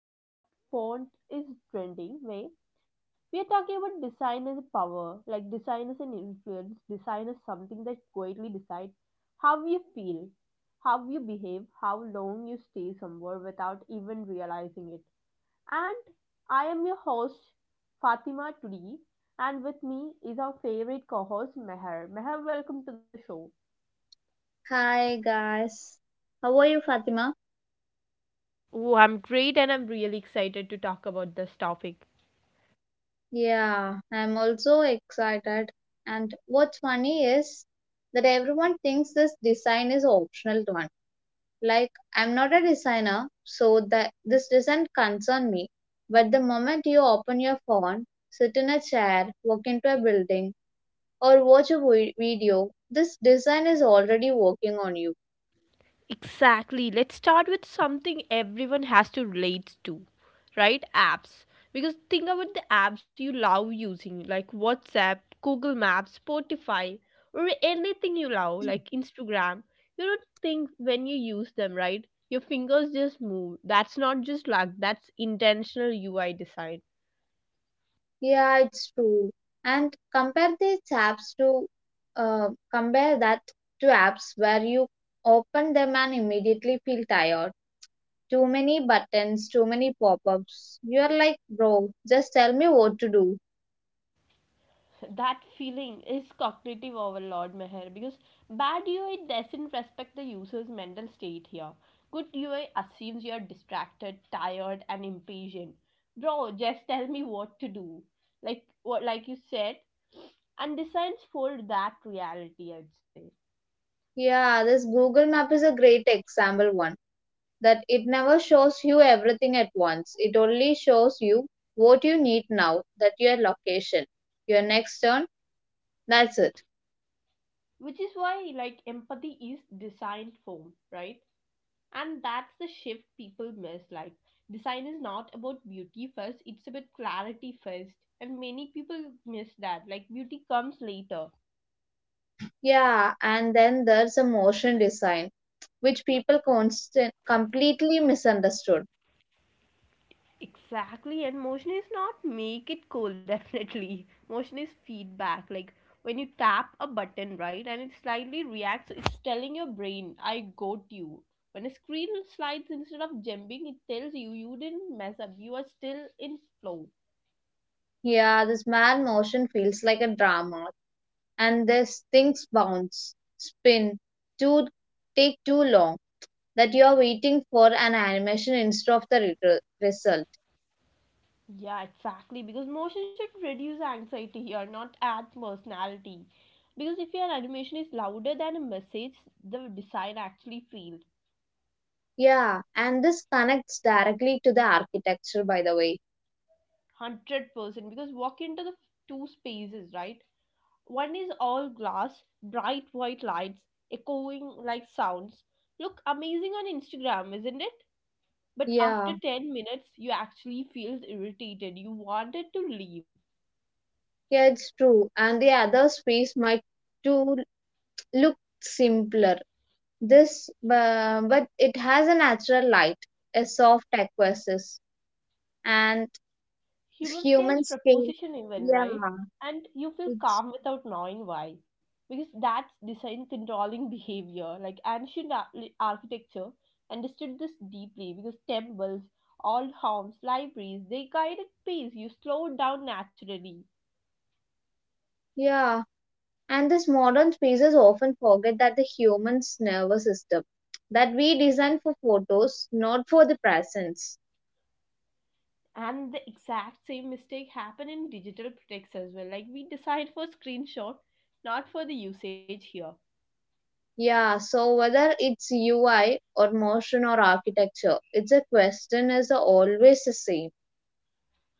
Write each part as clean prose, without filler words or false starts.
in what font is trending way. We are talking about design as a power, like design as an influence, design as something that quietly decides how you feel, how you behave, how long you stay somewhere without even realizing it. And I am your host, Fatima, today. And with me is our favorite co host, Meher. Meher, welcome to the show. Hi guys, how are you, Fatima? Oh, I'm great and I'm really excited to talk about this topic. Yeah, I'm also excited. And what's funny is that everyone thinks this design is optional one. Like I'm not a designer, so that this doesn't concern me. But the moment you open your phone, sit in a chair, walk into a building, or watch a video, this design is already working on you. Exactly. Let's start with something everyone has to relate to, right? Apps. Because think about the apps you love using, like WhatsApp, Google Maps, Spotify, or anything you love, like Instagram. You don't think when you use them, right? Your fingers just move. That's not just luck, that's intentional UI design. Yeah, it's true. And compare these apps to uh, compare that to apps where you open them and immediately feel tired. Too many buttons, too many pop-ups. You're like, bro, just tell me what to do. That feeling is cognitive overload, Meher, because bad UI doesn't respect the user's mental state here. Good UI assumes you're distracted, tired and impatient. Bro, just tell me what to do, like what, like you said, and designs for that reality, I'd say. Yeah, this Google Map is a great example one. That it never shows you everything at once. It only shows you what you need now, that your location, your next turn, that's it. Which is why, like, empathy is designed for, right? And that's the shift people miss. Like, design is not about beauty first, it's about clarity first. And many people miss that. Like, beauty comes later. Yeah, and then there's a motion design, which people constant completely misunderstood. Exactly. And motion is not make it cool, definitely. Motion is feedback. Like, when you tap a button, right, and it slightly reacts, it's telling your brain, I got you. When a screen slides instead of jumping, it tells you you didn't mess up, you are still in flow. Yeah, this man motion feels like a drama, and this things bounce, spin, too take too long that you are waiting for an animation instead of the result. Yeah, exactly. Because motion should reduce anxiety here, not add personality. Because if your animation is louder than a message, the design actually failed. Yeah, and this connects directly to the architecture, by the way. 100%. Because walk into the two spaces, right? One is all glass, bright white lights, echoing like sounds. Look amazing on Instagram, isn't it? But after Yeah, 10 minutes, you actually feel irritated. You wanted to leave. yeah, it's true, and the other space might too look simpler. This, but it has a natural light, a soft aquasis, and Human human scales scale. proposition even, Yeah, right? And you feel it's calm without knowing why, because that's design controlling behavior. Like ancient architecture understood this deeply, because temples, old homes, libraries, they guided peace. You slowed down naturally. yeah. And this modern spaces often forget that the human's nervous system, that we design for photos, not for the presence. And the exact same mistake happen in digital products as well. Like, we decide for screenshot, not for the usage here. Yeah, so whether it's UI or motion or architecture, it's a question is always the same.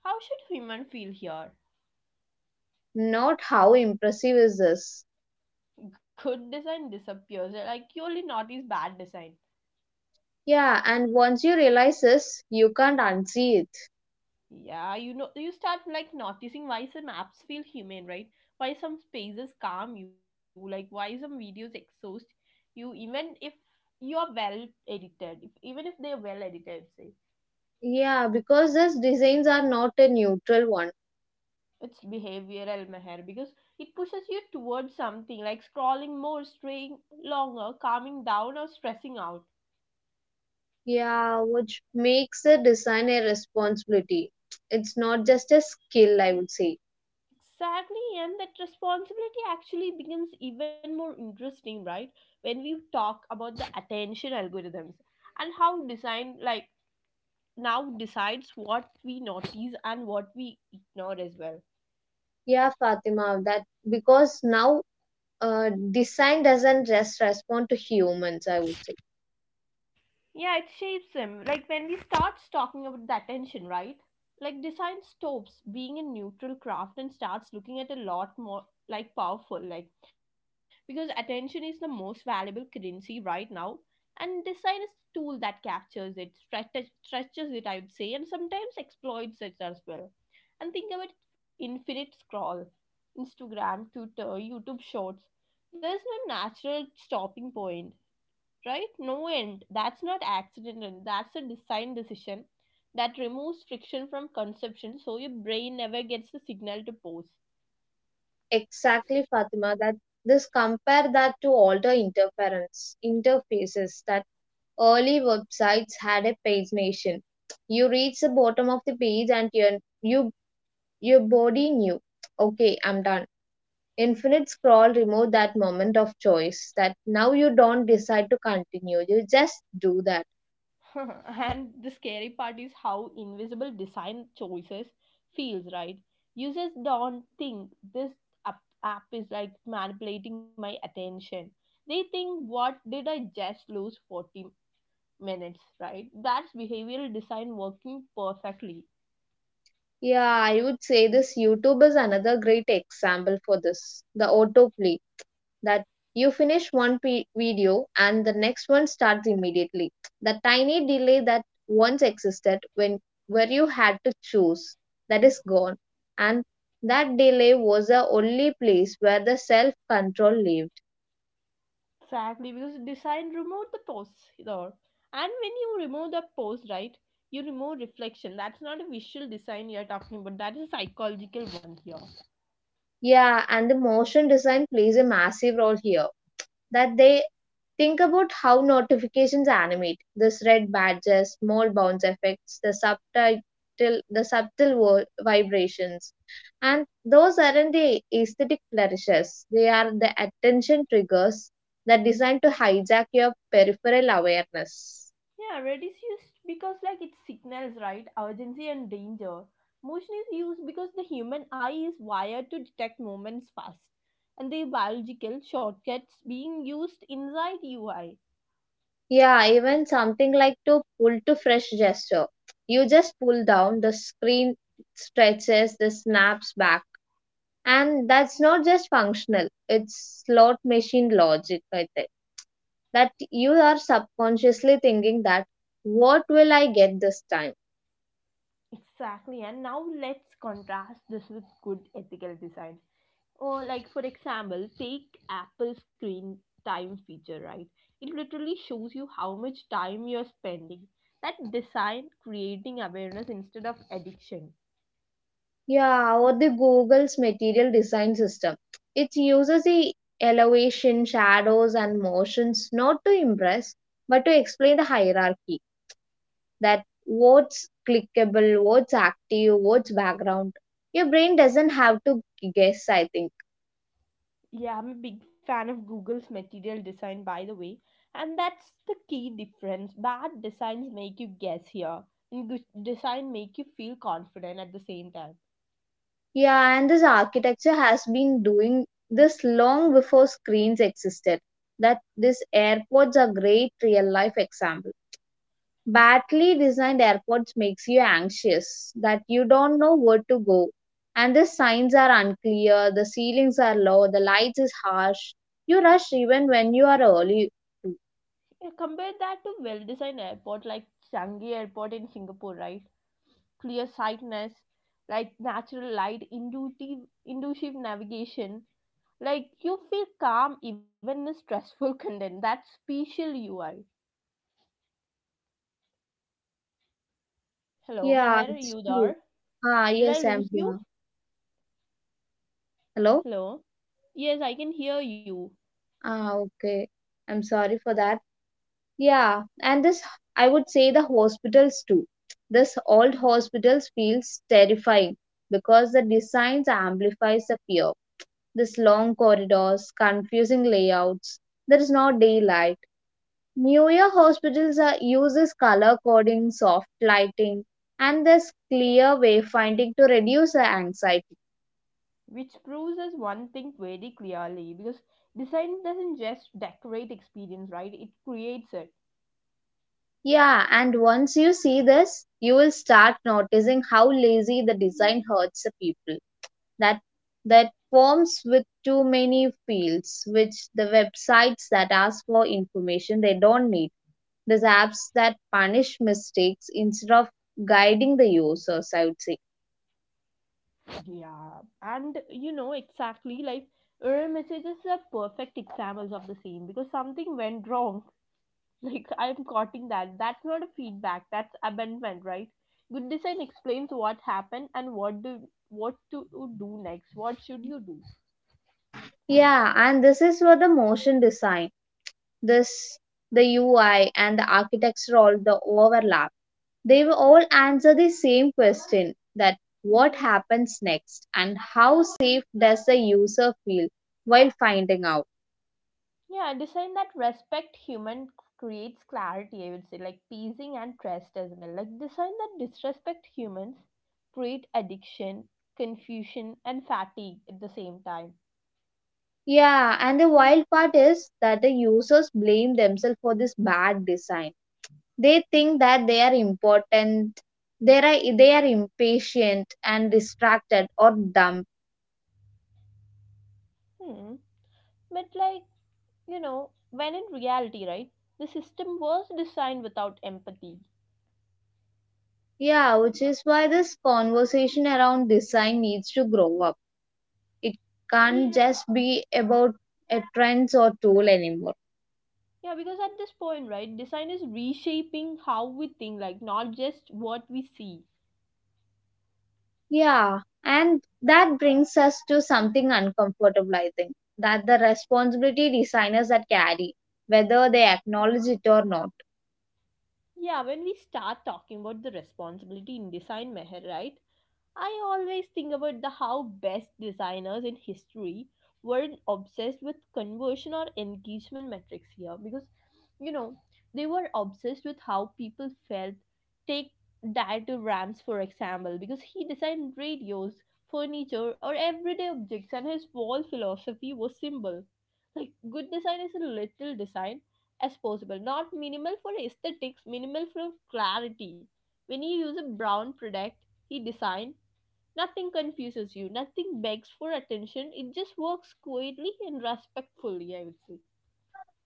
How should human feel here? Not how impressive is this. Good design disappears. Like, you only notice bad design. Yeah, and once you realize this, you can't unsee it. Yeah, you know, you start like noticing why some apps feel humane, right? Why some spaces calm you, like why some videos exhaust you, even if you are well edited, if, even if they are well edited, say. Yeah, because these designs are not a neutral one. It's behavioral, Meher, because it pushes you towards something like scrolling more, straying longer, calming down, or stressing out. Yeah, which makes the design a responsibility. It's not just a skill, I would say. Exactly, and that responsibility actually becomes even more interesting, right? When we talk about the attention algorithms and how design, like, now decides what we notice and what we ignore as well. Yeah, Fatima, that because now design doesn't just respond to humans, I would say. Yeah, it shapes him. Like when we start talking about that attention, right? Like design stops being a neutral craft and starts looking at a lot more like powerful, like, because attention is the most valuable currency right now, and design is a tool that captures it, stretches it, I would say, and sometimes exploits it as well. And think about infinite scroll, Instagram, Twitter, YouTube Shorts. There's no natural stopping point, right? No end. That's not accidental. That's a design decision that removes friction from conception so your brain never gets the signal to pause. Exactly, Fatima, that this compare that to all the interference interfaces that early websites had, a page nation. You reach the bottom of the page and you your body knew, okay, I'm done. Infinite scroll removed that moment of choice that now you don't decide to continue. You just do that. And the scary part is how invisible design choices feels, right? Users don't think this app, app is like manipulating my attention. They think, what did I just lose 40 minutes, right? That's behavioral design working perfectly. Yeah, I would say this YouTube is another great example for this. The autoplay. That you finish video and the next one starts immediately. The tiny delay that once existed, when where you had to choose, that is gone, and that delay was the only place where the self control lived. Exactly, because design remove the pose there. And when you remove the pose, right, you remove reflection. That's not a visual design you're talking about. That is a psychological one here. Yeah, and the motion design plays a massive role here. That they think about how notifications animate. This red badges, small bounce effects, the subtitle, the vibrations, and those aren't the aesthetic flourishes. They are the attention triggers that designed to hijack your peripheral awareness. Yeah, red is used because, like, it signals, right, urgency and danger. Motion is used because the human eye is wired to detect movements fast. And the biological shortcuts being used inside UI. Yeah, even something like to pull to fresh gesture. You just pull down, the screen stretches, the snaps back. And that's not just functional, it's slot machine logic, I think. That you are subconsciously thinking that, what will I get this time? Exactly, and now let's contrast this with good ethical design. Or like, for example, take Apple screen time feature, right? It literally shows you how much time you're spending. That design creating awareness instead of addiction. Yeah, or the Google's material design system. It uses the elevation, shadows, and motions not to impress, but to explain the hierarchy, that what's clickable, what's active, what's background. Your brain doesn't have to guess, I think. Yeah, I'm a big fan of Google's material design, by the way. And that's the key difference. Bad designs make you guess here. And good design make you feel confident at the same time. Yeah, and this architecture has been doing this long before screens existed. That these airports are great real life example. Badly designed airports makes you anxious that you don't know where to go. And the signs are unclear, the ceilings are low, the lights is harsh. You rush even when you are early to. Yeah, compare that to well-designed airport like Changi Airport in Singapore, right? Clear sightness, like natural light, intuitive, intuitive navigation. Like, you feel calm even in stressful content. That's spatial UI. Hello, Yeah, Meher, are it's you true. there? Ah, Did I yes, lose I'm you? here. Hello? Hello. Yes, I can hear you. Ah, okay. I'm sorry for that. Yeah, and this, I would say the hospitals too. This old hospitals feels terrifying because the designs amplifies the fear. This long corridors, confusing layouts. There is no daylight. Newer hospitals are, uses color coding, soft lighting, and this clear wayfinding to reduce the anxiety. Which proves us one thing very clearly, because design doesn't just decorate experience, right? It creates it. Yeah, and once you see this, you will start noticing how lazy the design hurts the people. That that forms with too many fields, which the websites that ask for information they don't need. These apps that punish mistakes instead of guiding the users, I would say. Yeah, and you know exactly, like error messages are perfect examples of the same, because something went wrong. Like, I'm quoting that. That's not a feedback. That's abandonment, right? Good design explains what happened and what do, what to do next. What should you do? Yeah, and this is where the motion design, this the UI and the architecture all the overlap, they will all answer the same question, that what happens next and how safe does the user feel while finding out. Yeah, design that respect human creates clarity. I would say like pleasing and trust as well. Like design that disrespect humans create addiction, confusion, and fatigue at the same time. Yeah, and the wild part is that the users blame themselves for this bad design. They think that they are important, they are impatient and distracted or dumb. Hmm. But, like, you know, when in reality, right, the system was designed without empathy. Yeah, which is why this conversation around design needs to grow up. It can't just be about a trends or tool anymore. Yeah, because at this point, right, design is reshaping how we think, like, not just what we see. Yeah, and that brings us to something uncomfortable, I think, that the responsibility designers that carry, whether they acknowledge it or not. Yeah, when we start talking about the responsibility in design, Meher, right? I always think about the how best designers in history weren't obsessed with conversion or engagement metrics here, because you know they were obsessed with how people felt. Take Dieter Rams for example, because he designed radios, furniture, or everyday objects, and his whole philosophy was simple. Like, good design is a little design as possible, not minimal for aesthetics, minimal for clarity. When he used a Brown product, he designed nothing confuses you, nothing begs for attention. It just works quietly and respectfully, I would say.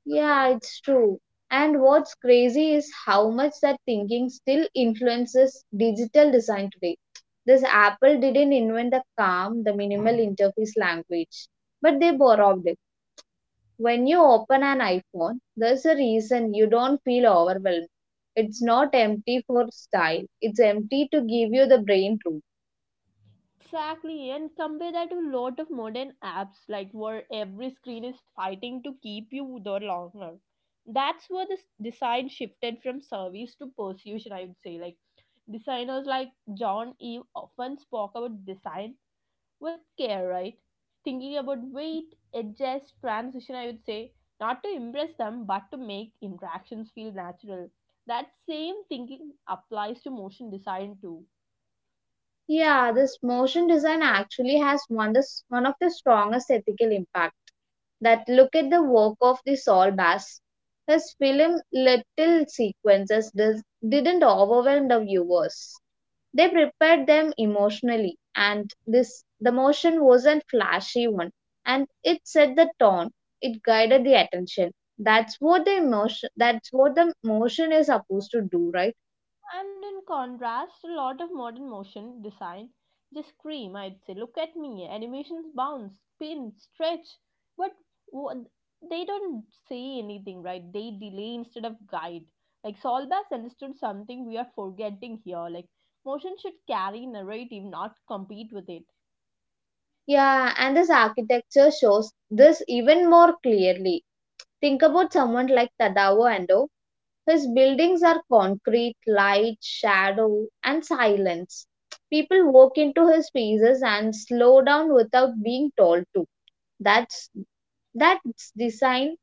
Yeah, it's true. And what's crazy is how much that thinking still influences digital design today. This Apple didn't invent the calm, the minimal interface language, but they borrowed it. When you open an iPhone, there's a reason you don't feel overwhelmed. It's not empty for style, it's empty to give you the brain room. Exactly, and compare that to a lot of modern apps, like where every screen is fighting to keep you there longer. That's where this design shifted from service to persuasion, I would say. Like designers like John Eve often spoke about design with care, right? Thinking about weight, adjust, transition, I would say, not to impress them, but to make interactions feel natural. That same thinking applies to motion design too. Yeah, this motion design actually has one of the strongest ethical impact. That look at the work of the Saul Bass. His film Little Sequences didn't overwhelm the viewers. They prepared them emotionally, and this the motion wasn't flashy one, and it set the tone. It guided the attention. That's what the emotion. That's what the motion is supposed to do, right? And in contrast, a lot of modern motion design just scream, I'd say, look at me, animations bounce, spin, stretch. But wha- they don't say anything, right? They delay instead of guide. Like Solbas understood something we are forgetting here. Like motion should carry narrative, not compete with it. Yeah, and this architecture shows this even more clearly. Think about someone like Tadao Ando. His buildings are concrete, light, shadow, and silence. People walk into his spaces and slow down without being told to. That's that's design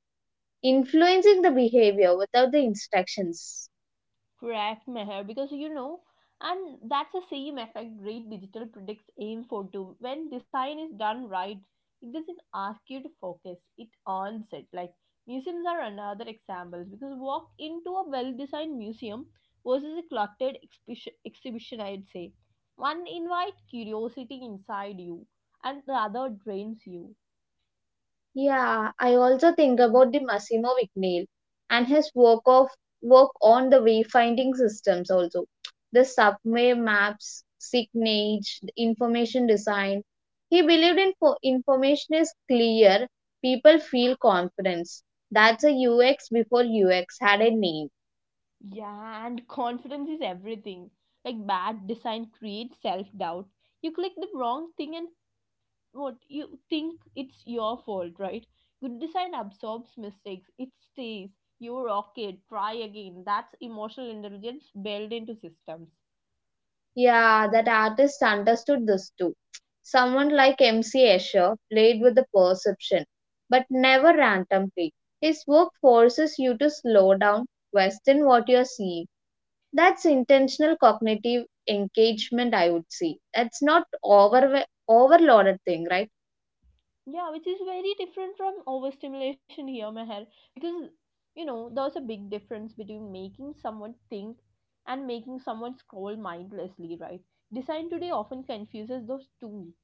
influencing the behavior without the instructions. Correct, Meher, because you know, and that's the same effect great digital products aim for too. When design is done right, it doesn't ask you to focus, it earns it. Like museums are another example because walk into a well designed museum versus a cluttered exhibition, I'd say. One invites curiosity inside you, and the other drains you. Yeah, I also think about the Massimo Vignale and his work on the wayfinding systems also. The subway maps, signage, the information design. He believed in information is clear, people feel confidence. That's a UX before UX had a name. Yeah, and confidence is everything. Like bad design creates self doubt. You click the wrong thing and what you think it's your fault, right? Good design absorbs mistakes, it stays. You're okay, try again. That's emotional intelligence built into systems. Yeah, that artist understood this too. Someone like M.C. Escher played with the perception, but never randomly. His work forces you to slow down, question what you're seeing. That's intentional cognitive engagement, I would say. That's not overloaded thing, right? Yeah, which is very different from overstimulation here, Meher, because you know there's a big difference between making someone think and making someone scroll mindlessly, right? Design today often confuses those two.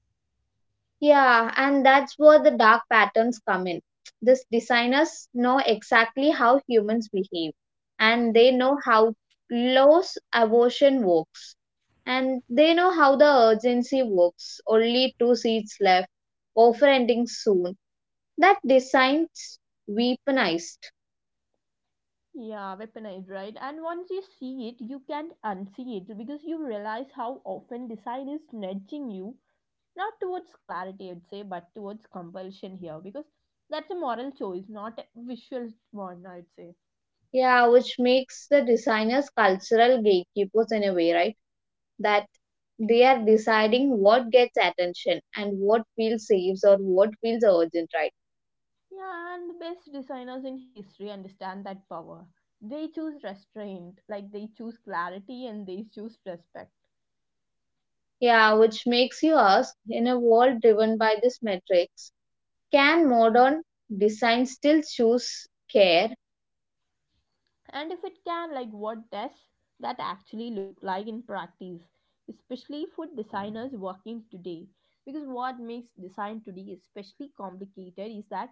Yeah, and that's where the dark patterns come in. These designers know exactly how humans behave, and they know how close abortion works, and they know how the urgency works. Only two seats left, overending soon. That designs weaponized. Yeah, weaponized, right? And once you see it, you can't unsee it because you realize how often design is nudging you, not towards clarity, I'd say, but towards compulsion here, because that's a moral choice, not a visual one, I'd say. Yeah, which makes the designers cultural gatekeepers in a way, right? That they are deciding what gets attention and what feels safe or what feels urgent, right? Yeah, and the best designers in history understand that power. They choose restraint, like they choose clarity and they choose respect. Yeah, which makes you ask, in a world driven by this metrics, can modern design still choose care? And if it can, like, what does that actually look like in practice, especially for designers working today? Because what makes design today especially complicated is that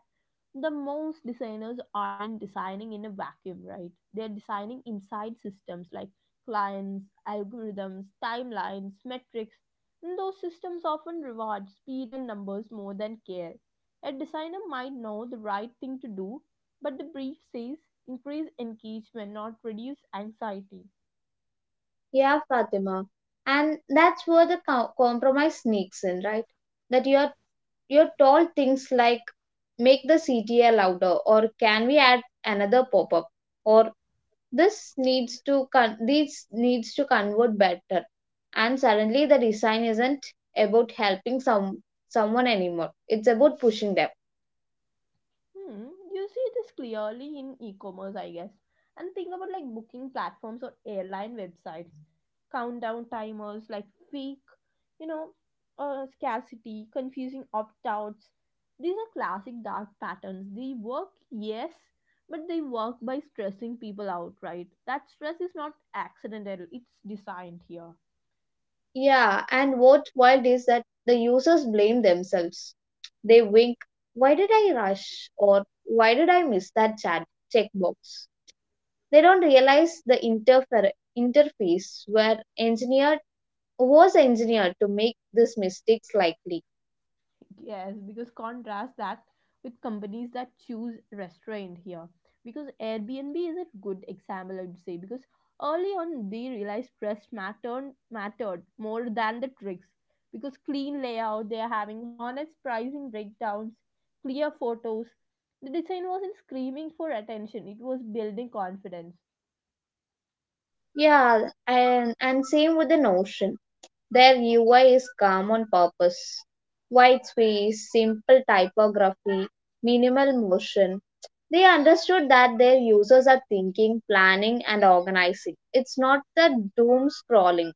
the most designers aren't designing in a vacuum, right? They're designing inside systems like clients, algorithms, timelines, metrics. And those systems often reward speed and numbers more than care. A designer might know the right thing to do, but the brief says increase engagement, not reduce anxiety. Yeah, Fatima. And that's where the compromise sneaks in, right? That you're told things like make the CTA louder or can we add another pop-up or this needs to convert better, and suddenly the design isn't about helping someone anymore, it's about pushing them. Hmm, you see this clearly in e-commerce, I guess. And think about like booking platforms or airline websites, countdown timers, like fake, you know, scarcity, confusing opt-outs. These are classic dark patterns. They work, yes, but they work by stressing people out, right? That stress is not accidental; it's designed here. Yeah, and what wild is that the users blame themselves. They wink, why did I rush or why did I miss that chat checkbox? They don't realize the interface were engineered was engineered to make these mistakes likely. Yes, because contrast that with companies that choose restraint here. Because Airbnb is a good example, I would say. Because early on, they realized trust mattered more than the tricks. Because clean layout, they are having honest pricing breakdowns, clear photos. The design wasn't screaming for attention; it was building confidence. Yeah, and same with the notion. Their UI is calm on purpose. White space, simple typography, minimal motion. They understood that their users are thinking, planning, and organizing. It's not the doom scrolling.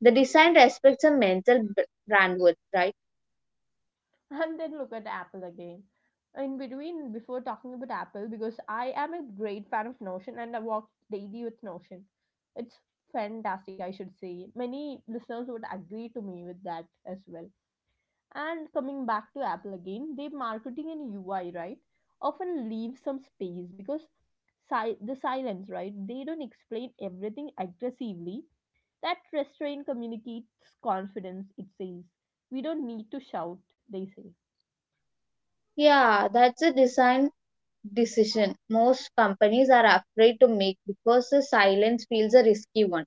The design respects a bandwidth, right? And then look at Apple again. In between, before talking about Apple, because I am a great fan of Notion and I work daily with Notion. It's fantastic, I should say. Many listeners would agree to me with that as well. And coming back to Apple again, their marketing and UI, right, often leave some space because the silence, right, they don't explain everything aggressively. That restraint communicates confidence, it says. We don't need to shout, they say. Yeah, that's a design decision most companies are afraid to make because the silence feels a risky one.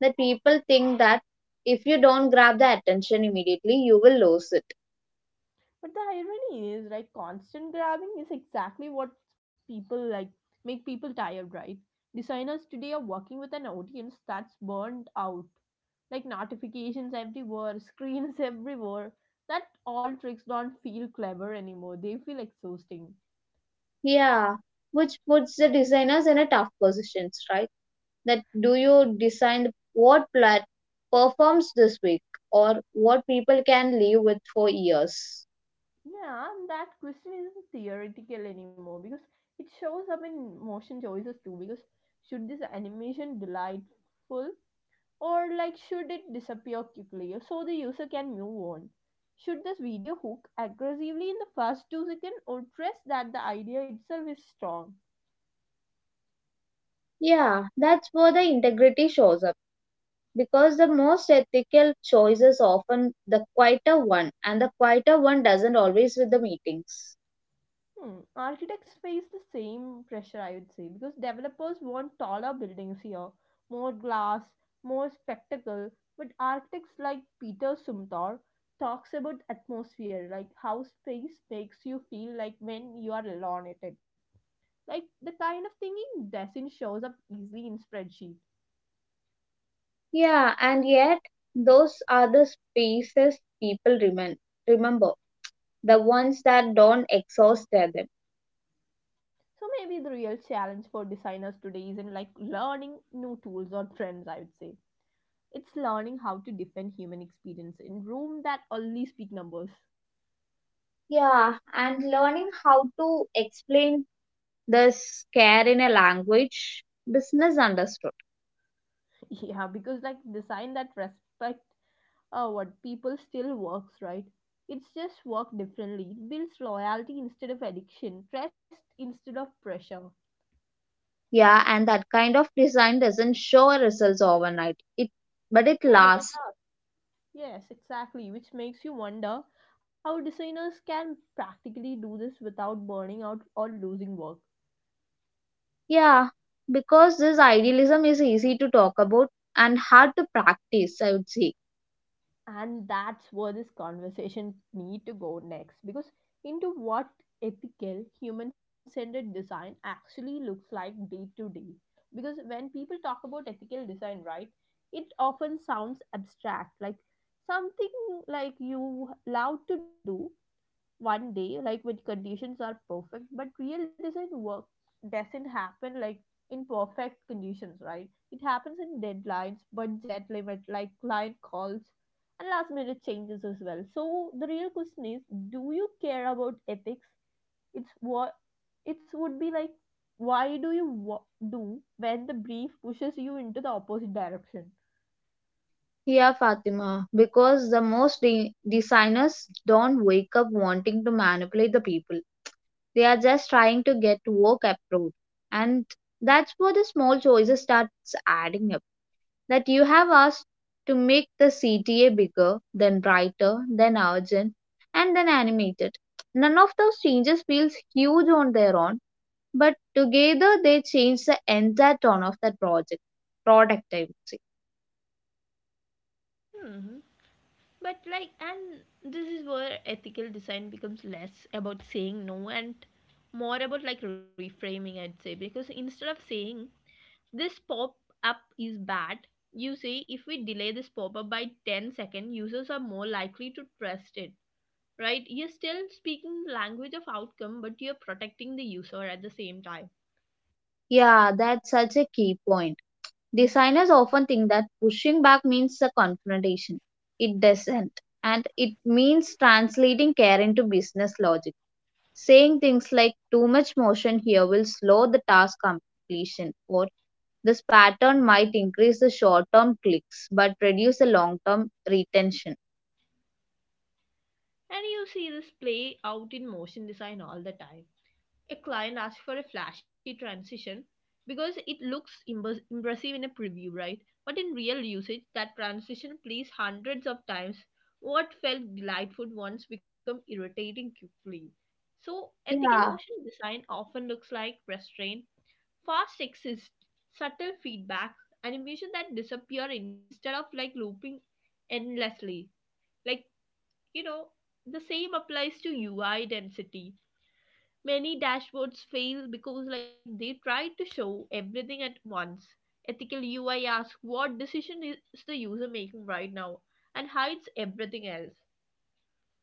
That people think that if you don't grab the attention immediately, you will lose it. But the irony is, right, constant grabbing is exactly what people like make people tired, right? Designers today are working with an audience that's burnt out. Like notifications everywhere, screens everywhere. That all tricks don't feel clever anymore. They feel exhausting. Yeah, which puts the designers in a tough positions, right? That do you design what plat performs this week or what people can live with for years? Yeah, and that question isn't theoretical anymore because it shows up in motion choices too. Because should this animation delightful or like should it disappear quickly so the user can move on? Should this video hook aggressively in the first 2 seconds, or trust that the idea itself is strong? Yeah, that's where the integrity shows up because the most ethical choice is often the quieter one, and the quieter one doesn't always with the meetings. Hmm. Architects face the same pressure, I would say, because developers want taller buildings here, more glass, more spectacle. But architects like Peter Sumtar talks about atmosphere, like how space makes you feel, like when you are alone in it, like the kind of thinking. Design shows up easily in spreadsheet. Yeah, and yet those are the spaces people remember, the ones that don't exhaust them. So maybe the real challenge for designers today isn't like learning new tools or trends, I would say. It's learning how to defend human experience in room that only speak numbers. Yeah, and learning how to explain the scare in a language business understood. Yeah, because like design that respect what people still works, right? It's just work differently. It builds loyalty instead of addiction, trust instead of pressure. Yeah, and that kind of design doesn't show results overnight. It But it Yeah, but it lasts. Yes, exactly, which makes you wonder how designers can practically do this without burning out or losing work. Yeah, because this idealism is easy to talk about and hard to practice, I would say. And that's where this conversation need to go next, because into what ethical human-centered design actually looks like day to day. Because when people talk about ethical design, right, it often sounds abstract, like something like you love to do one day, like when conditions are perfect. But real design work doesn't happen like in perfect conditions, right? It happens in deadlines, budget limit, like client calls and last minute changes as well. So the real question is, do you care about ethics? It's what it would be like, why do you wa- do when the brief pushes you into the opposite direction? Yeah, Fatima, because the most designers don't wake up wanting to manipulate the people. They are just trying to get work approved. And that's where the small choices starts adding up. That you have asked to make the CTA bigger, then brighter, then urgent, and then animated. None of those changes feels huge on their own, but together they change the entire tone of that project. Product, I would say. Mhm. But like, and this is where ethical design becomes less about saying no and more about like reframing, I'd say. Because instead of saying this pop up is bad, you say if we delay this pop up by 10 seconds, users are more likely to trust it, right? You're still speaking the language of outcome, but you're protecting the user at the same time. Yeah, that's such a key point. Designers often think that pushing back means a confrontation. It doesn't. And it means translating care into business logic. Saying things like too much motion here will slow the task completion, or this pattern might increase the short term clicks but reduce the long term retention. And you see this play out in motion design all the time. A client asks for a flashy transition because it looks impressive in a preview, right? But in real usage, that transition plays hundreds of times. What felt delightful once become irritating quickly. So ethical Yeah, motion design often looks like restraint, fast exist, subtle feedback, animation that disappear instead of like looping endlessly. Like you know, the same applies to UI density. Many dashboards fail because like they try to show everything at once. Ethical UI asks what decision is the user making right now, and hides everything else.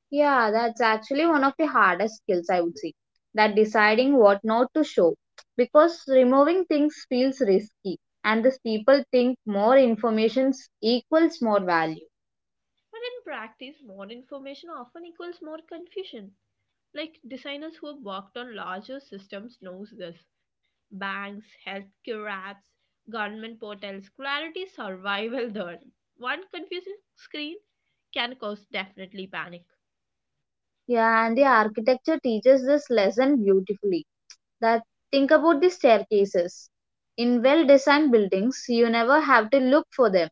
Yeah, that's actually one of the hardest skills, I would say. That deciding what not to show. Because removing things feels risky, and these people think more information equals more value. But in practice more information often equals more confusion. Like designers who have worked on larger systems knows this. Banks, healthcare apps, government portals, clarity survival. There one confusing screen can cause definitely panic. Yeah, and the architecture teaches this lesson beautifully. That think about the staircases. In well designed buildings, you never have to look for them.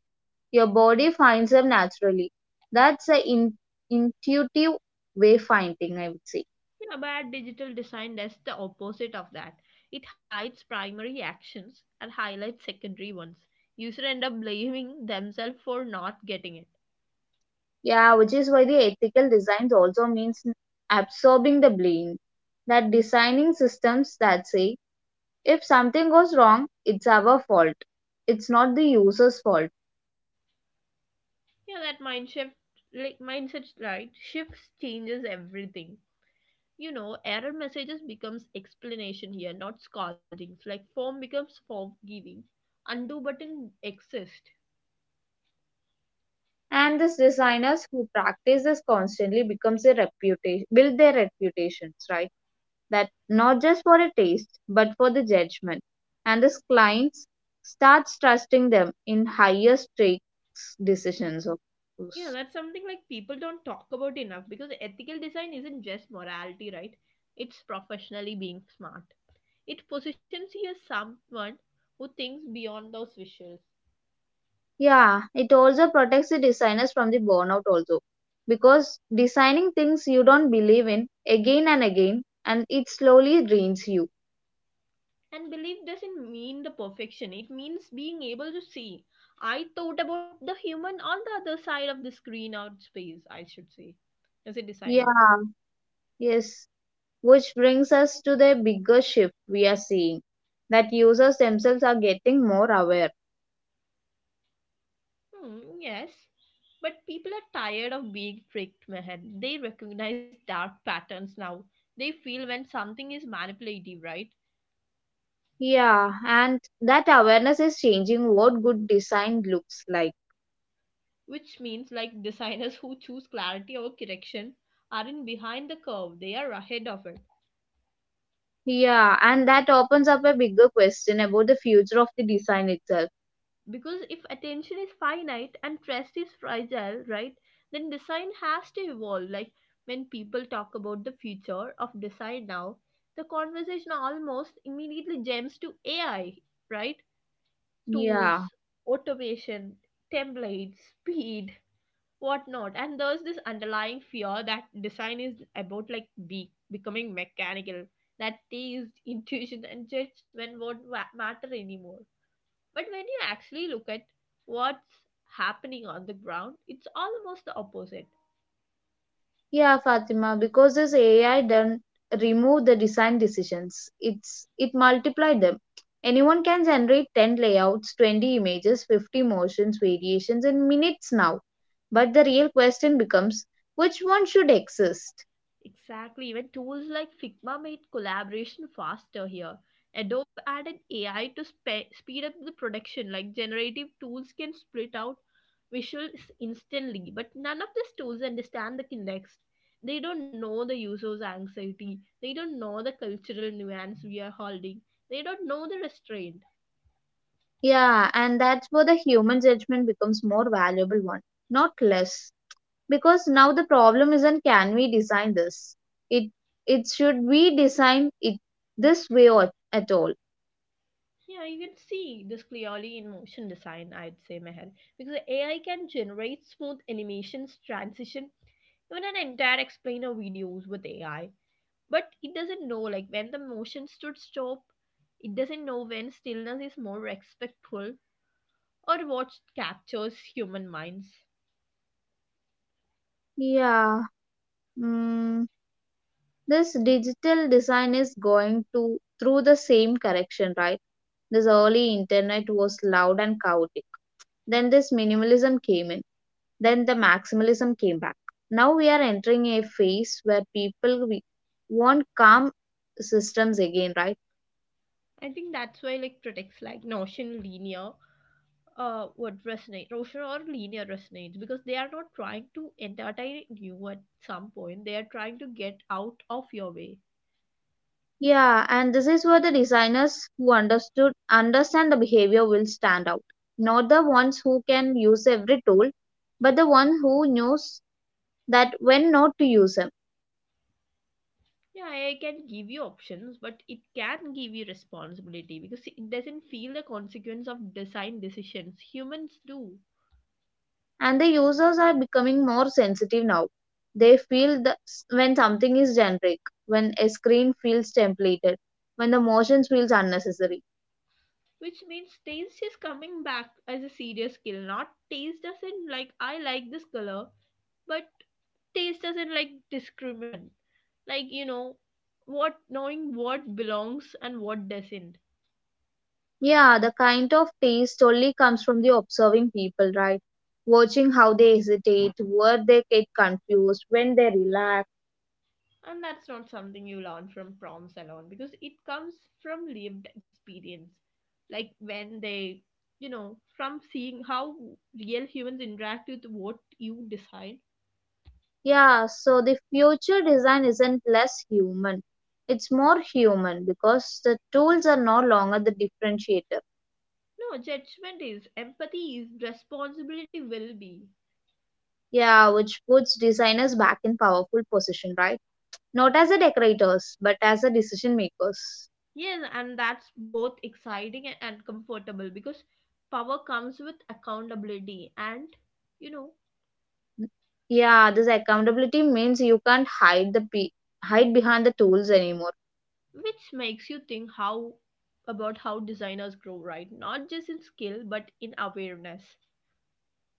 Your body finds them naturally. That's an intuitive way finding, I would say. Yeah, but digital design does the opposite of that. It hides primary actions and highlights secondary ones. Users end up blaming themselves for not getting it. Yeah, which is why the ethical designs also means absorbing the blame. That designing systems that say if something goes wrong, it's our fault. It's not the user's fault. Yeah, that mind shift, like mindset right, shifts changes everything. You know, error messages becomes explanation here, not scoldings. Like form becomes forgiving. Undo button exists. And these designers who practice this constantly becomes a reputation, build their reputations, right? That not just for a taste, but for the judgment. And these clients starts trusting them in higher stakes decisions, of Yeah, course. that's something like people don't talk about enough, because ethical design isn't just morality, right? It's professionally being smart. It positions you as someone who thinks beyond those visuals. Yeah, it also protects the designers from the burnout also because designing things you don't believe in again and again and it slowly drains you. And belief doesn't mean the perfection, it means being able to see. I thought about the human on the other side of the screen or space, I should say, as a Yeah, designer. yes, which brings us to the bigger shift we are seeing that users themselves are getting more aware. Hmm, yes, but people are tired of being tricked, Mehan. They recognize dark patterns now. They feel when something is manipulative, right? Yeah, and that awareness is changing what good design looks like. Which means like designers who choose clarity over correction aren't behind the curve, they are ahead of it. Yeah, and that opens up a bigger question about the future of the design itself. Because if attention is finite and trust is fragile, right, then design has to evolve. Like when people talk about the future of design now, the conversation almost immediately jumps to AI, right? Yeah. Tools, automation, templates, speed, whatnot. And there's this underlying fear that design is about like be becoming mechanical, that taste, intuition, and judgment won't matter anymore. But when you actually look at what's happening on the ground, it's almost the opposite. Yeah, Fatima, because this AI didn't remove the design decisions. It multiplied them. Anyone can generate 10 layouts, 20 images, 50 motions, variations in minutes now. But the real question becomes which one should exist? Exactly. Even tools like Figma made collaboration faster here. Adobe added AI to speed up the production. Like generative tools can split out visuals instantly, but none of these tools understand the context. They don't know the user's anxiety. They don't know the cultural nuance we are holding. They don't know the restraint. Yeah, and that's where the human judgment becomes more valuable one, not less. Because now the problem isn't can we design this? It it should we design it this way or at all. Yeah, you can see this clearly in motion design, I'd say, Meher. Because AI can generate smooth animations, transition, even an entire explainer videos with AI. But it doesn't know like when the motion should stop. It doesn't know when stillness is more respectful, or what captures human minds. Yeah. Mm, this digital design is going to through the same correction, right? This early internet was loud and chaotic. Then this minimalism came in. Then the maximalism came back. Now we are entering a phase where want calm systems again, right? I think that's why like critics like Notion linear would resonate. Notion or linear resonates because they are not trying to entertain you at some point. They are trying to get out of your way. Yeah, and this is where the designers who understood understand the behavior will stand out. Not the ones who can use every tool, but the one who knows that when not to use them Yeah, I can give you options, but it can give you responsibility because it doesn't feel the consequence of design decisions. Humans do. and the users are becoming more sensitive now. They feel the, when something is generic, when a screen feels templated, when the motions feels unnecessary. Which means taste is coming back as a serious skill. Not taste doesn't like I like this color, but taste doesn't like discriminate. Like you know what, knowing what belongs and what doesn't. Yeah, the kind of taste only comes from the observing people, right? Watching how they hesitate, where they get confused, when they relax. And that's not something you learn from proms alone, because it comes from lived experience. Like when they, you know, from seeing how real humans interact with what you decide. Yeah, so the future design isn't less human. It's more human because the tools are no longer the differentiator. No, judgment is, empathy is, responsibility will be. Yeah, which puts designers back in powerful position, right? Not as a decorators, but as a decision makers. Yes, and that's both exciting and uncomfortable because power comes with accountability and, you know, N- Yeah, this accountability means you can't hide behind the tools anymore. which makes you think how about how designers grow, right? Not just in skill, but in awareness.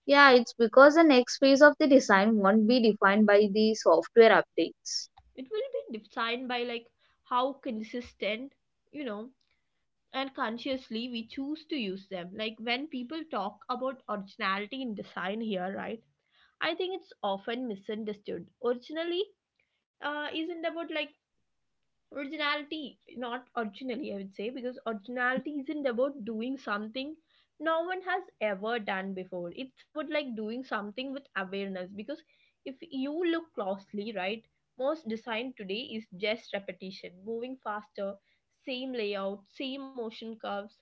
Yeah, it's because the next phase of the design won't be defined by the software updates. It will be defined by like how consistent, you know, and consciously we choose to use them. Like when people talk about originality in design here, right, I think it's often misunderstood. Originally uh, isn't about like originality not originally, I would say, because originality isn't about doing something no one has ever done before. It's about like doing something with awareness. Because if you look closely, right, most design today is just repetition moving faster. Same layout, same motion curves,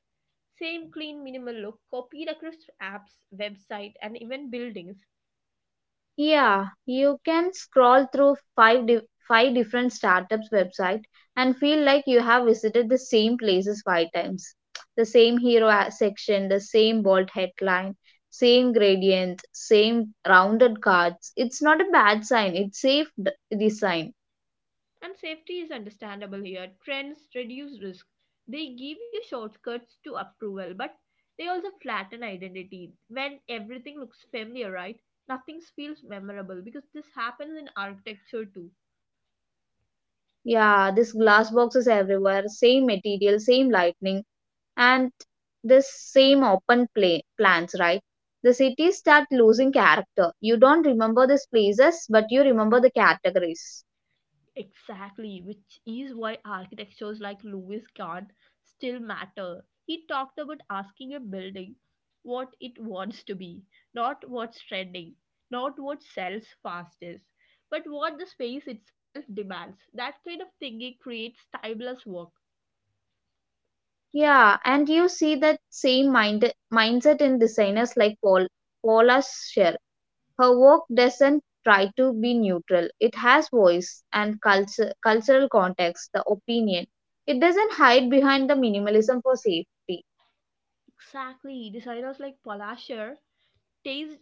same clean minimal look copied across apps, website, and even buildings. Yeah, you can scroll through five different startups website and feel like you have visited the same places five times. The same section, the same bold headline, same gradient, same rounded cards. It's not a bad sign, it's design. And safety is understandable here. Trends reduce risk. They give you shortcuts to approval, but they also flatten identity. When everything looks familiar, right? Nothing feels memorable because this happens in architecture too. Yeah, this glass boxes everywhere, same material, same lightning, and this same open play plans, right? The cities start losing character. You don't remember these places, but you remember the categories. Exactly, which is why architectures like Louis Kahn still matter. He talked about asking a building what it wants to be, not what's trending, not what sells fastest, but what the space itself demands. That kind of thinking creates timeless work. Yeah, and you see that same mindset in designers like Paula Scher. Her work doesn't try to be neutral. It has voice and culture cultural context, the opinion. It doesn't hide behind the minimalism for safety. Exactly, designers like Palasher taste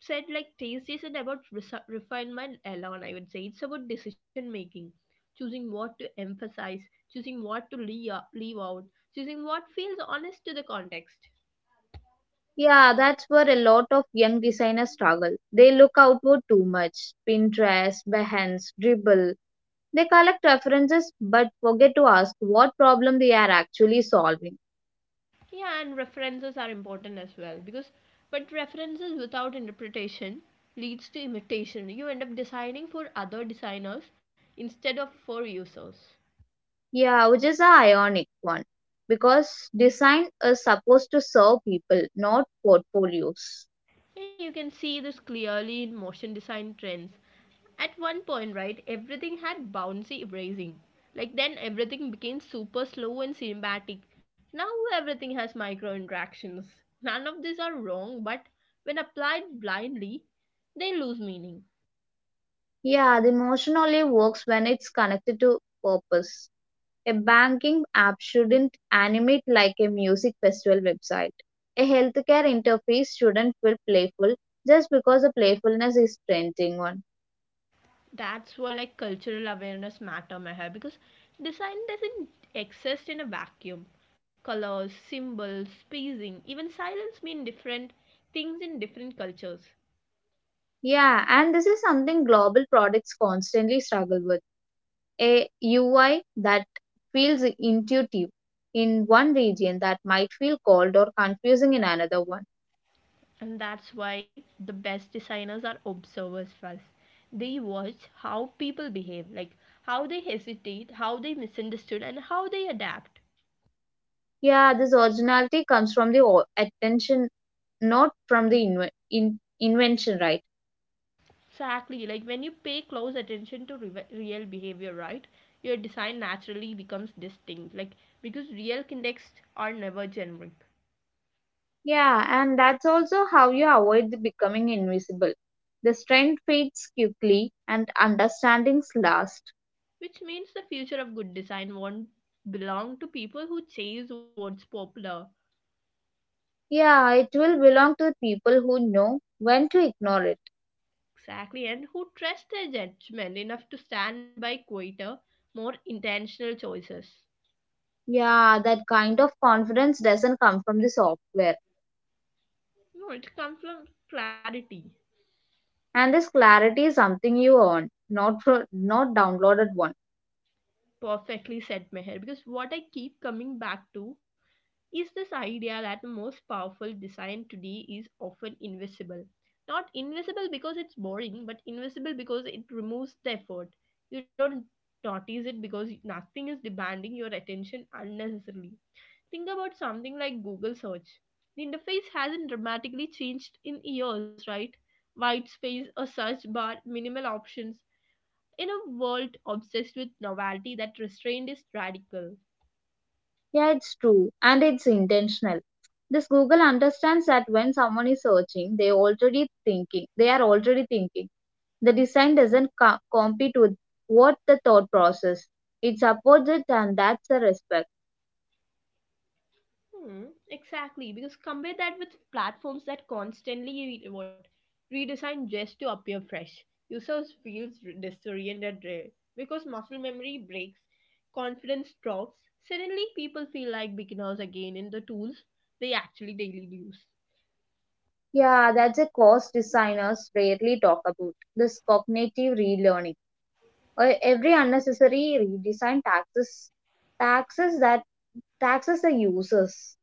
said, like, taste isn't about refinement alone, I would say. It's about decision making, choosing what to emphasize, choosing what to leave out, choosing what feels honest to the context. Yeah, that's where a lot of young designers struggle. They look outward too much. Pinterest, Behance, Dribble. They collect references but forget to ask what problem they are actually solving. Yeah, and references are important as well, because but references without interpretation leads to imitation. You end up designing for other designers instead of for users. Yeah, which is a ionic one. Because design is supposed to serve people, not portfolios. Yeah, you can see this clearly in motion design trends. At one point, right, everything had bouncy erasing. Like then everything became super slow and cinematic. Now everything has micro interactions. None of these are wrong, but when applied blindly, they lose meaning. Yeah, the emotion only works when it's connected to purpose. A banking app shouldn't animate like a music festival website. A healthcare interface shouldn't feel playful just because the playfulness is trending one. That's where like cultural awareness matter, Meher, because design doesn't exist in a vacuum. Colors, symbols, spacing, even silence mean different things in different cultures. Yeah, and this is something global products constantly struggle with. A UI that feels intuitive in one region that might feel cold or confusing in another one. And that's why the best designers are observers first. They watch how people behave, like how they hesitate, how they misunderstood, and how they adapt. Yeah, this originality comes from the attention, not from the invention, right? Exactly, like when you pay close attention to real behavior, right? Your design naturally becomes distinct, like, because real contexts are never generic. Yeah, and that's also how you avoid the becoming invisible. The strength fades quickly and understandings last. Which means the future of good design won't belong to people who chase what's popular. Yeah, it will belong to people who know when to ignore it. Exactly, and who trust their judgment enough to stand by quieter, more intentional choices. Yeah, that kind of confidence doesn't come from the software. No, it comes from clarity. And this clarity is something you earn, not from not downloaded one. Perfectly said, Meher. Because what I keep coming back to is this idea that the most powerful design today is often invisible. Not invisible because it's boring, but invisible because it removes the effort. You don't notice it because nothing is demanding your attention unnecessarily. Think about something like Google search. The interface hasn't dramatically changed in years, right? White space, a search bar, minimal options. In a world obsessed with novelty, that restraint is radical. Yeah, it's true, and it's intentional. This Google understands that when someone is searching, they already thinking. They are already thinking. The design doesn't compete with what the thought process. It supports it, and that's a respect. Hmm, exactly, because compare that with platforms that constantly re- what redesign just to appear fresh. Users feels disoriented because muscle memory breaks, confidence drops. Suddenly, people feel like beginners again in the tools they actually daily use. Yeah, that's a cost designers rarely talk about. This cognitive relearning. Every unnecessary redesign taxes taxes that taxes the users.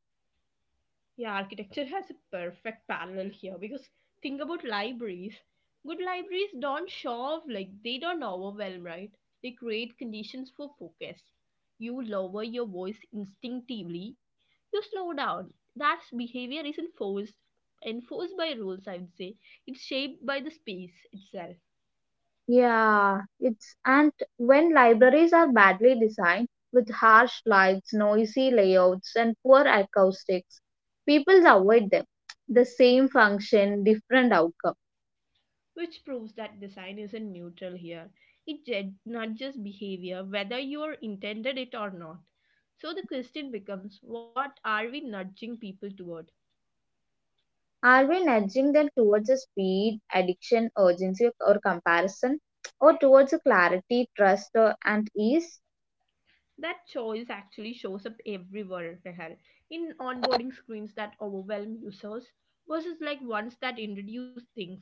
Yeah, architecture has a perfect parallel here because think about libraries. Good libraries don't show off, like they don't overwhelm, right? They create conditions for focus. You lower your voice instinctively, you slow down. That behavior isn't forced enforced by rules, I would say. It's shaped by the space itself. Yeah, it's and when libraries are badly designed with harsh lights, noisy layouts, and poor acoustics, people avoid them. The same function, different outcome. Which proves that design isn't neutral here. It nudges behavior whether you are intended it or not. So the question becomes, what are we nudging people toward? Are we nudging them towards a speed, addiction, urgency, or comparison, or towards a clarity, trust, or, and ease? That choice actually shows up everywhere, Meher, in onboarding screens that overwhelm users versus like ones that introduce things,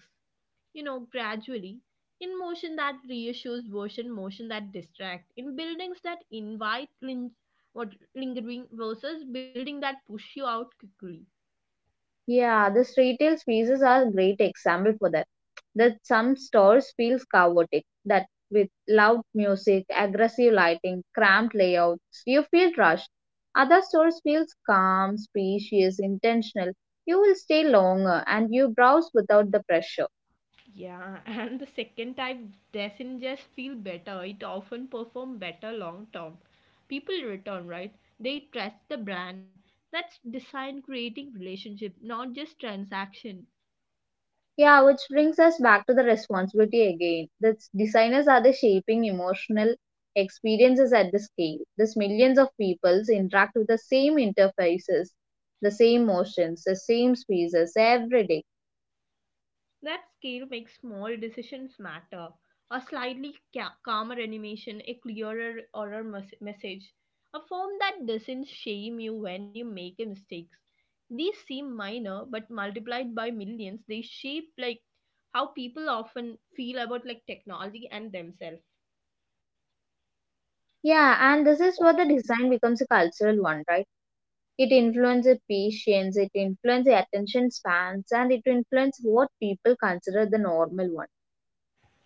gradually. In motion that reassures versus motion that distract. In buildings that invite lin- what lingering versus building that push you out quickly. Yeah, this retail spaces are a great example for that. That some stores feels chaotic, that with loud music, aggressive lighting, cramped layouts, you feel rushed. Other stores feels calm, spacious, intentional. You will stay longer and you browse without the pressure. Yeah, and the second type doesn't just feel better, it often perform better long term. People return, right? They trust the brand. That's design creating relationship, not just transaction. Yeah, which brings us back to the responsibility again. The designers are the shaping emotional experiences at the scale. These millions of peoples interact with the same interfaces, the same motions, the same spaces every day. That scale makes small decisions matter. A slightly calmer animation, a clearer oral message, a form that doesn't shame you when you make mistakes. These seem minor, but multiplied by millions, they shape like how people often feel about like technology and themselves. Yeah, and this is where the design becomes a cultural one, right? It influences patience, it influences attention spans, and it influences what people consider the normal one.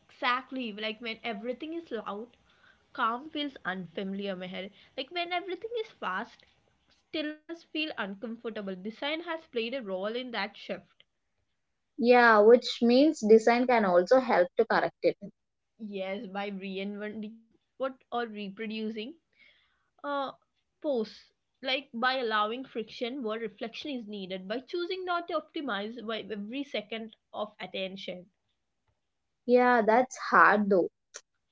Exactly, like when everything is loud, calm feels unfamiliar, Meher. Like when everything is fast, stillness feel uncomfortable. Design has played a role in that shift. Yeah, which means design can also help to correct it. Yes, by reinventing what or reproducing uh, pose, like by allowing friction where reflection is needed, by choosing not to optimize by every second of attention. Yeah, that's hard though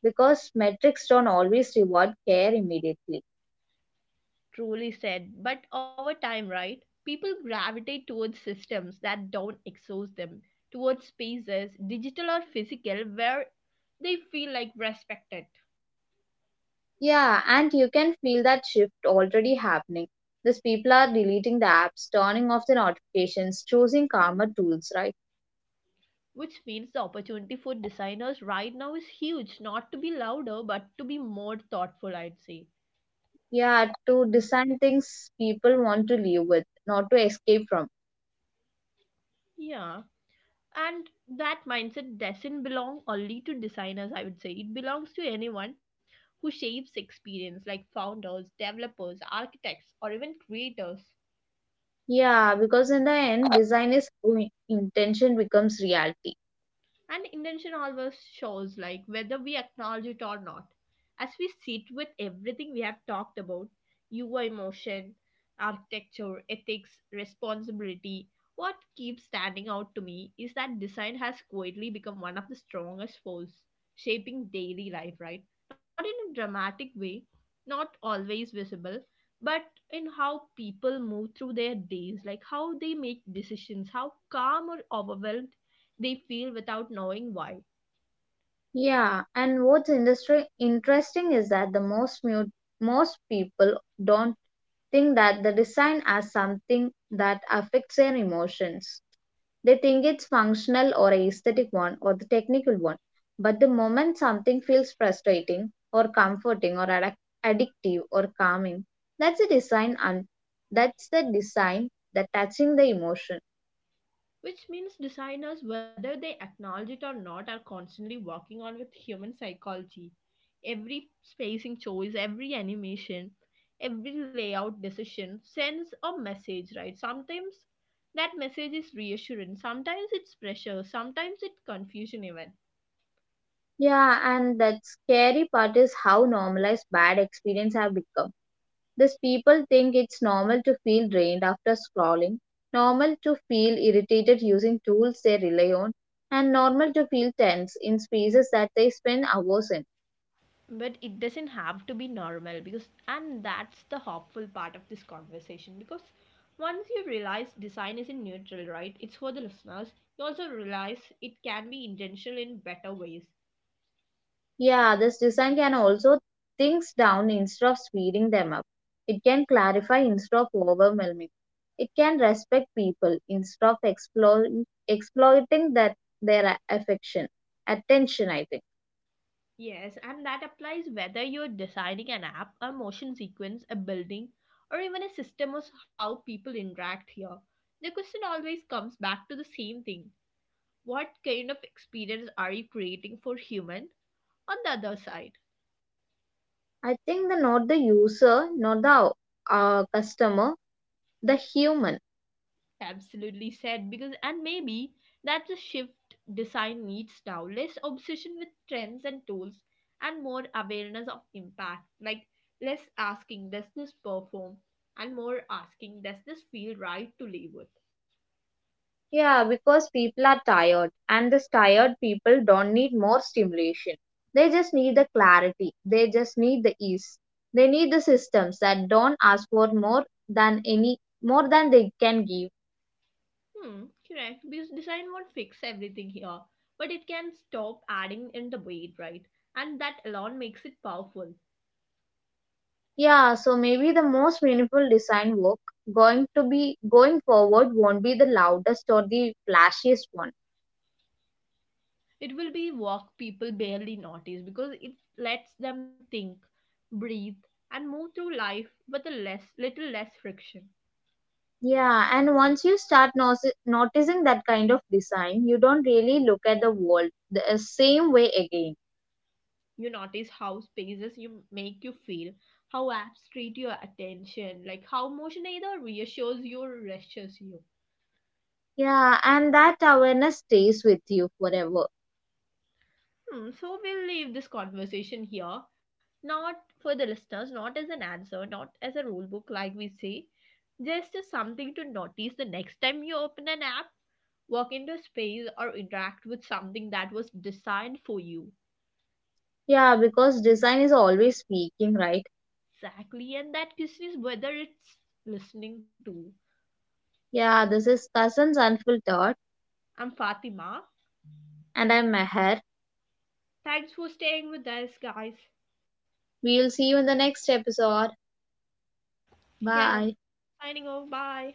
because metrics don't always reward care immediately. Truly said. But over time, right, people gravitate towards systems that don't exhaust them, towards spaces, digital or physical, where they feel like respected. Yeah, and you can feel that shift already happening. These people are deleting the apps, turning off the notifications, choosing calmer tools, right? Which means the opportunity for designers right now is huge, not to be louder but to be more thoughtful, I'd say. Yeah, to design things people want to live with, not to escape from. Yeah, and that mindset doesn't belong only to designers, I would say. It belongs to anyone who shapes experience, like founders, developers, architects, or even creators. Yeah, because in the end, design is how intention becomes reality. And intention always shows, like whether we acknowledge it or not. As we sit with everything we have talked about, your emotion, architecture, ethics, responsibility, what keeps standing out to me is that design has quietly become one of the strongest forces shaping daily life, right? Not in a dramatic way, not always visible, but in how people move through their days, like how they make decisions, how calm or overwhelmed they feel without knowing why. Yeah, and what's industry interesting is that the most people don't think that the design as something that affects their emotions. They think it's functional or a aesthetic one or the technical one. But the moment something feels frustrating or comforting or addictive or calming, that's a design and that's the design that touching the emotion. Which means designers, whether they acknowledge it or not, are constantly working on with human psychology. Every spacing choice, every animation, every layout decision sends a message, right? Sometimes that message is reassurance, sometimes it's pressure, sometimes it's confusion, even. Yeah, and that scary part is how normalized bad experience have become. These people think it's normal to feel drained after scrolling, normal to feel irritated using tools they rely on, and normal to feel tense in spaces that they spend hours in. But it doesn't have to be normal, because and that's the hopeful part of this conversation, because once you realize design isn't neutral, right, it's for the listeners, you also realize it can be intentional in better ways. Yeah, this design can also things down instead of speeding them up. It can clarify instead of overwhelming. It can respect people instead of exploring, exploiting that their affection, attention. I think. Yes, and that applies whether you're designing an app, a motion sequence, a building, or even a system of how people interact here. The question always comes back to the same thing: what kind of experience are you creating for human on the other side? I think the not the user, not the customer. The human. Absolutely said, because and maybe that's a shift design needs now. Less obsession with trends and tools and more awareness of impact. Like less asking, does this perform? And more asking, does this feel right to live with? Yeah, because people are tired, and these tired people don't need more stimulation. They just need the clarity. They just need the ease. They need the systems that don't ask for more than any more than they can give. Hmm, correct. Because design won't fix everything here. But it can stop adding in the weight, right? And that alone makes it powerful. Yeah, so maybe the most meaningful design work going to be going forward won't be the loudest or the flashiest one. It will be walk people barely notice because it lets them think, breathe, and move through life with a less little less friction. Yeah, and once you start noticing that kind of design, you don't really look at the world the same way again. You notice how spaces you make you feel, how apps treat your attention, like how motion either reassures you or reassures you. Yeah, and that awareness stays with you forever. Hmm, so we'll leave this conversation here, not for the listeners, not as an answer, not as a rule book like we say, just as something to notice the next time you open an app, walk into a space, or interact with something that was designed for you. Yeah, because design is always speaking, right? Exactly, and that question is whether it's listening to. Yeah, this is Cousins Unfiltered, I'm Fatima. and I'm Meher. Thanks for staying with us, guys. We will see you in the next episode. Yeah, Bye. signing off. Bye.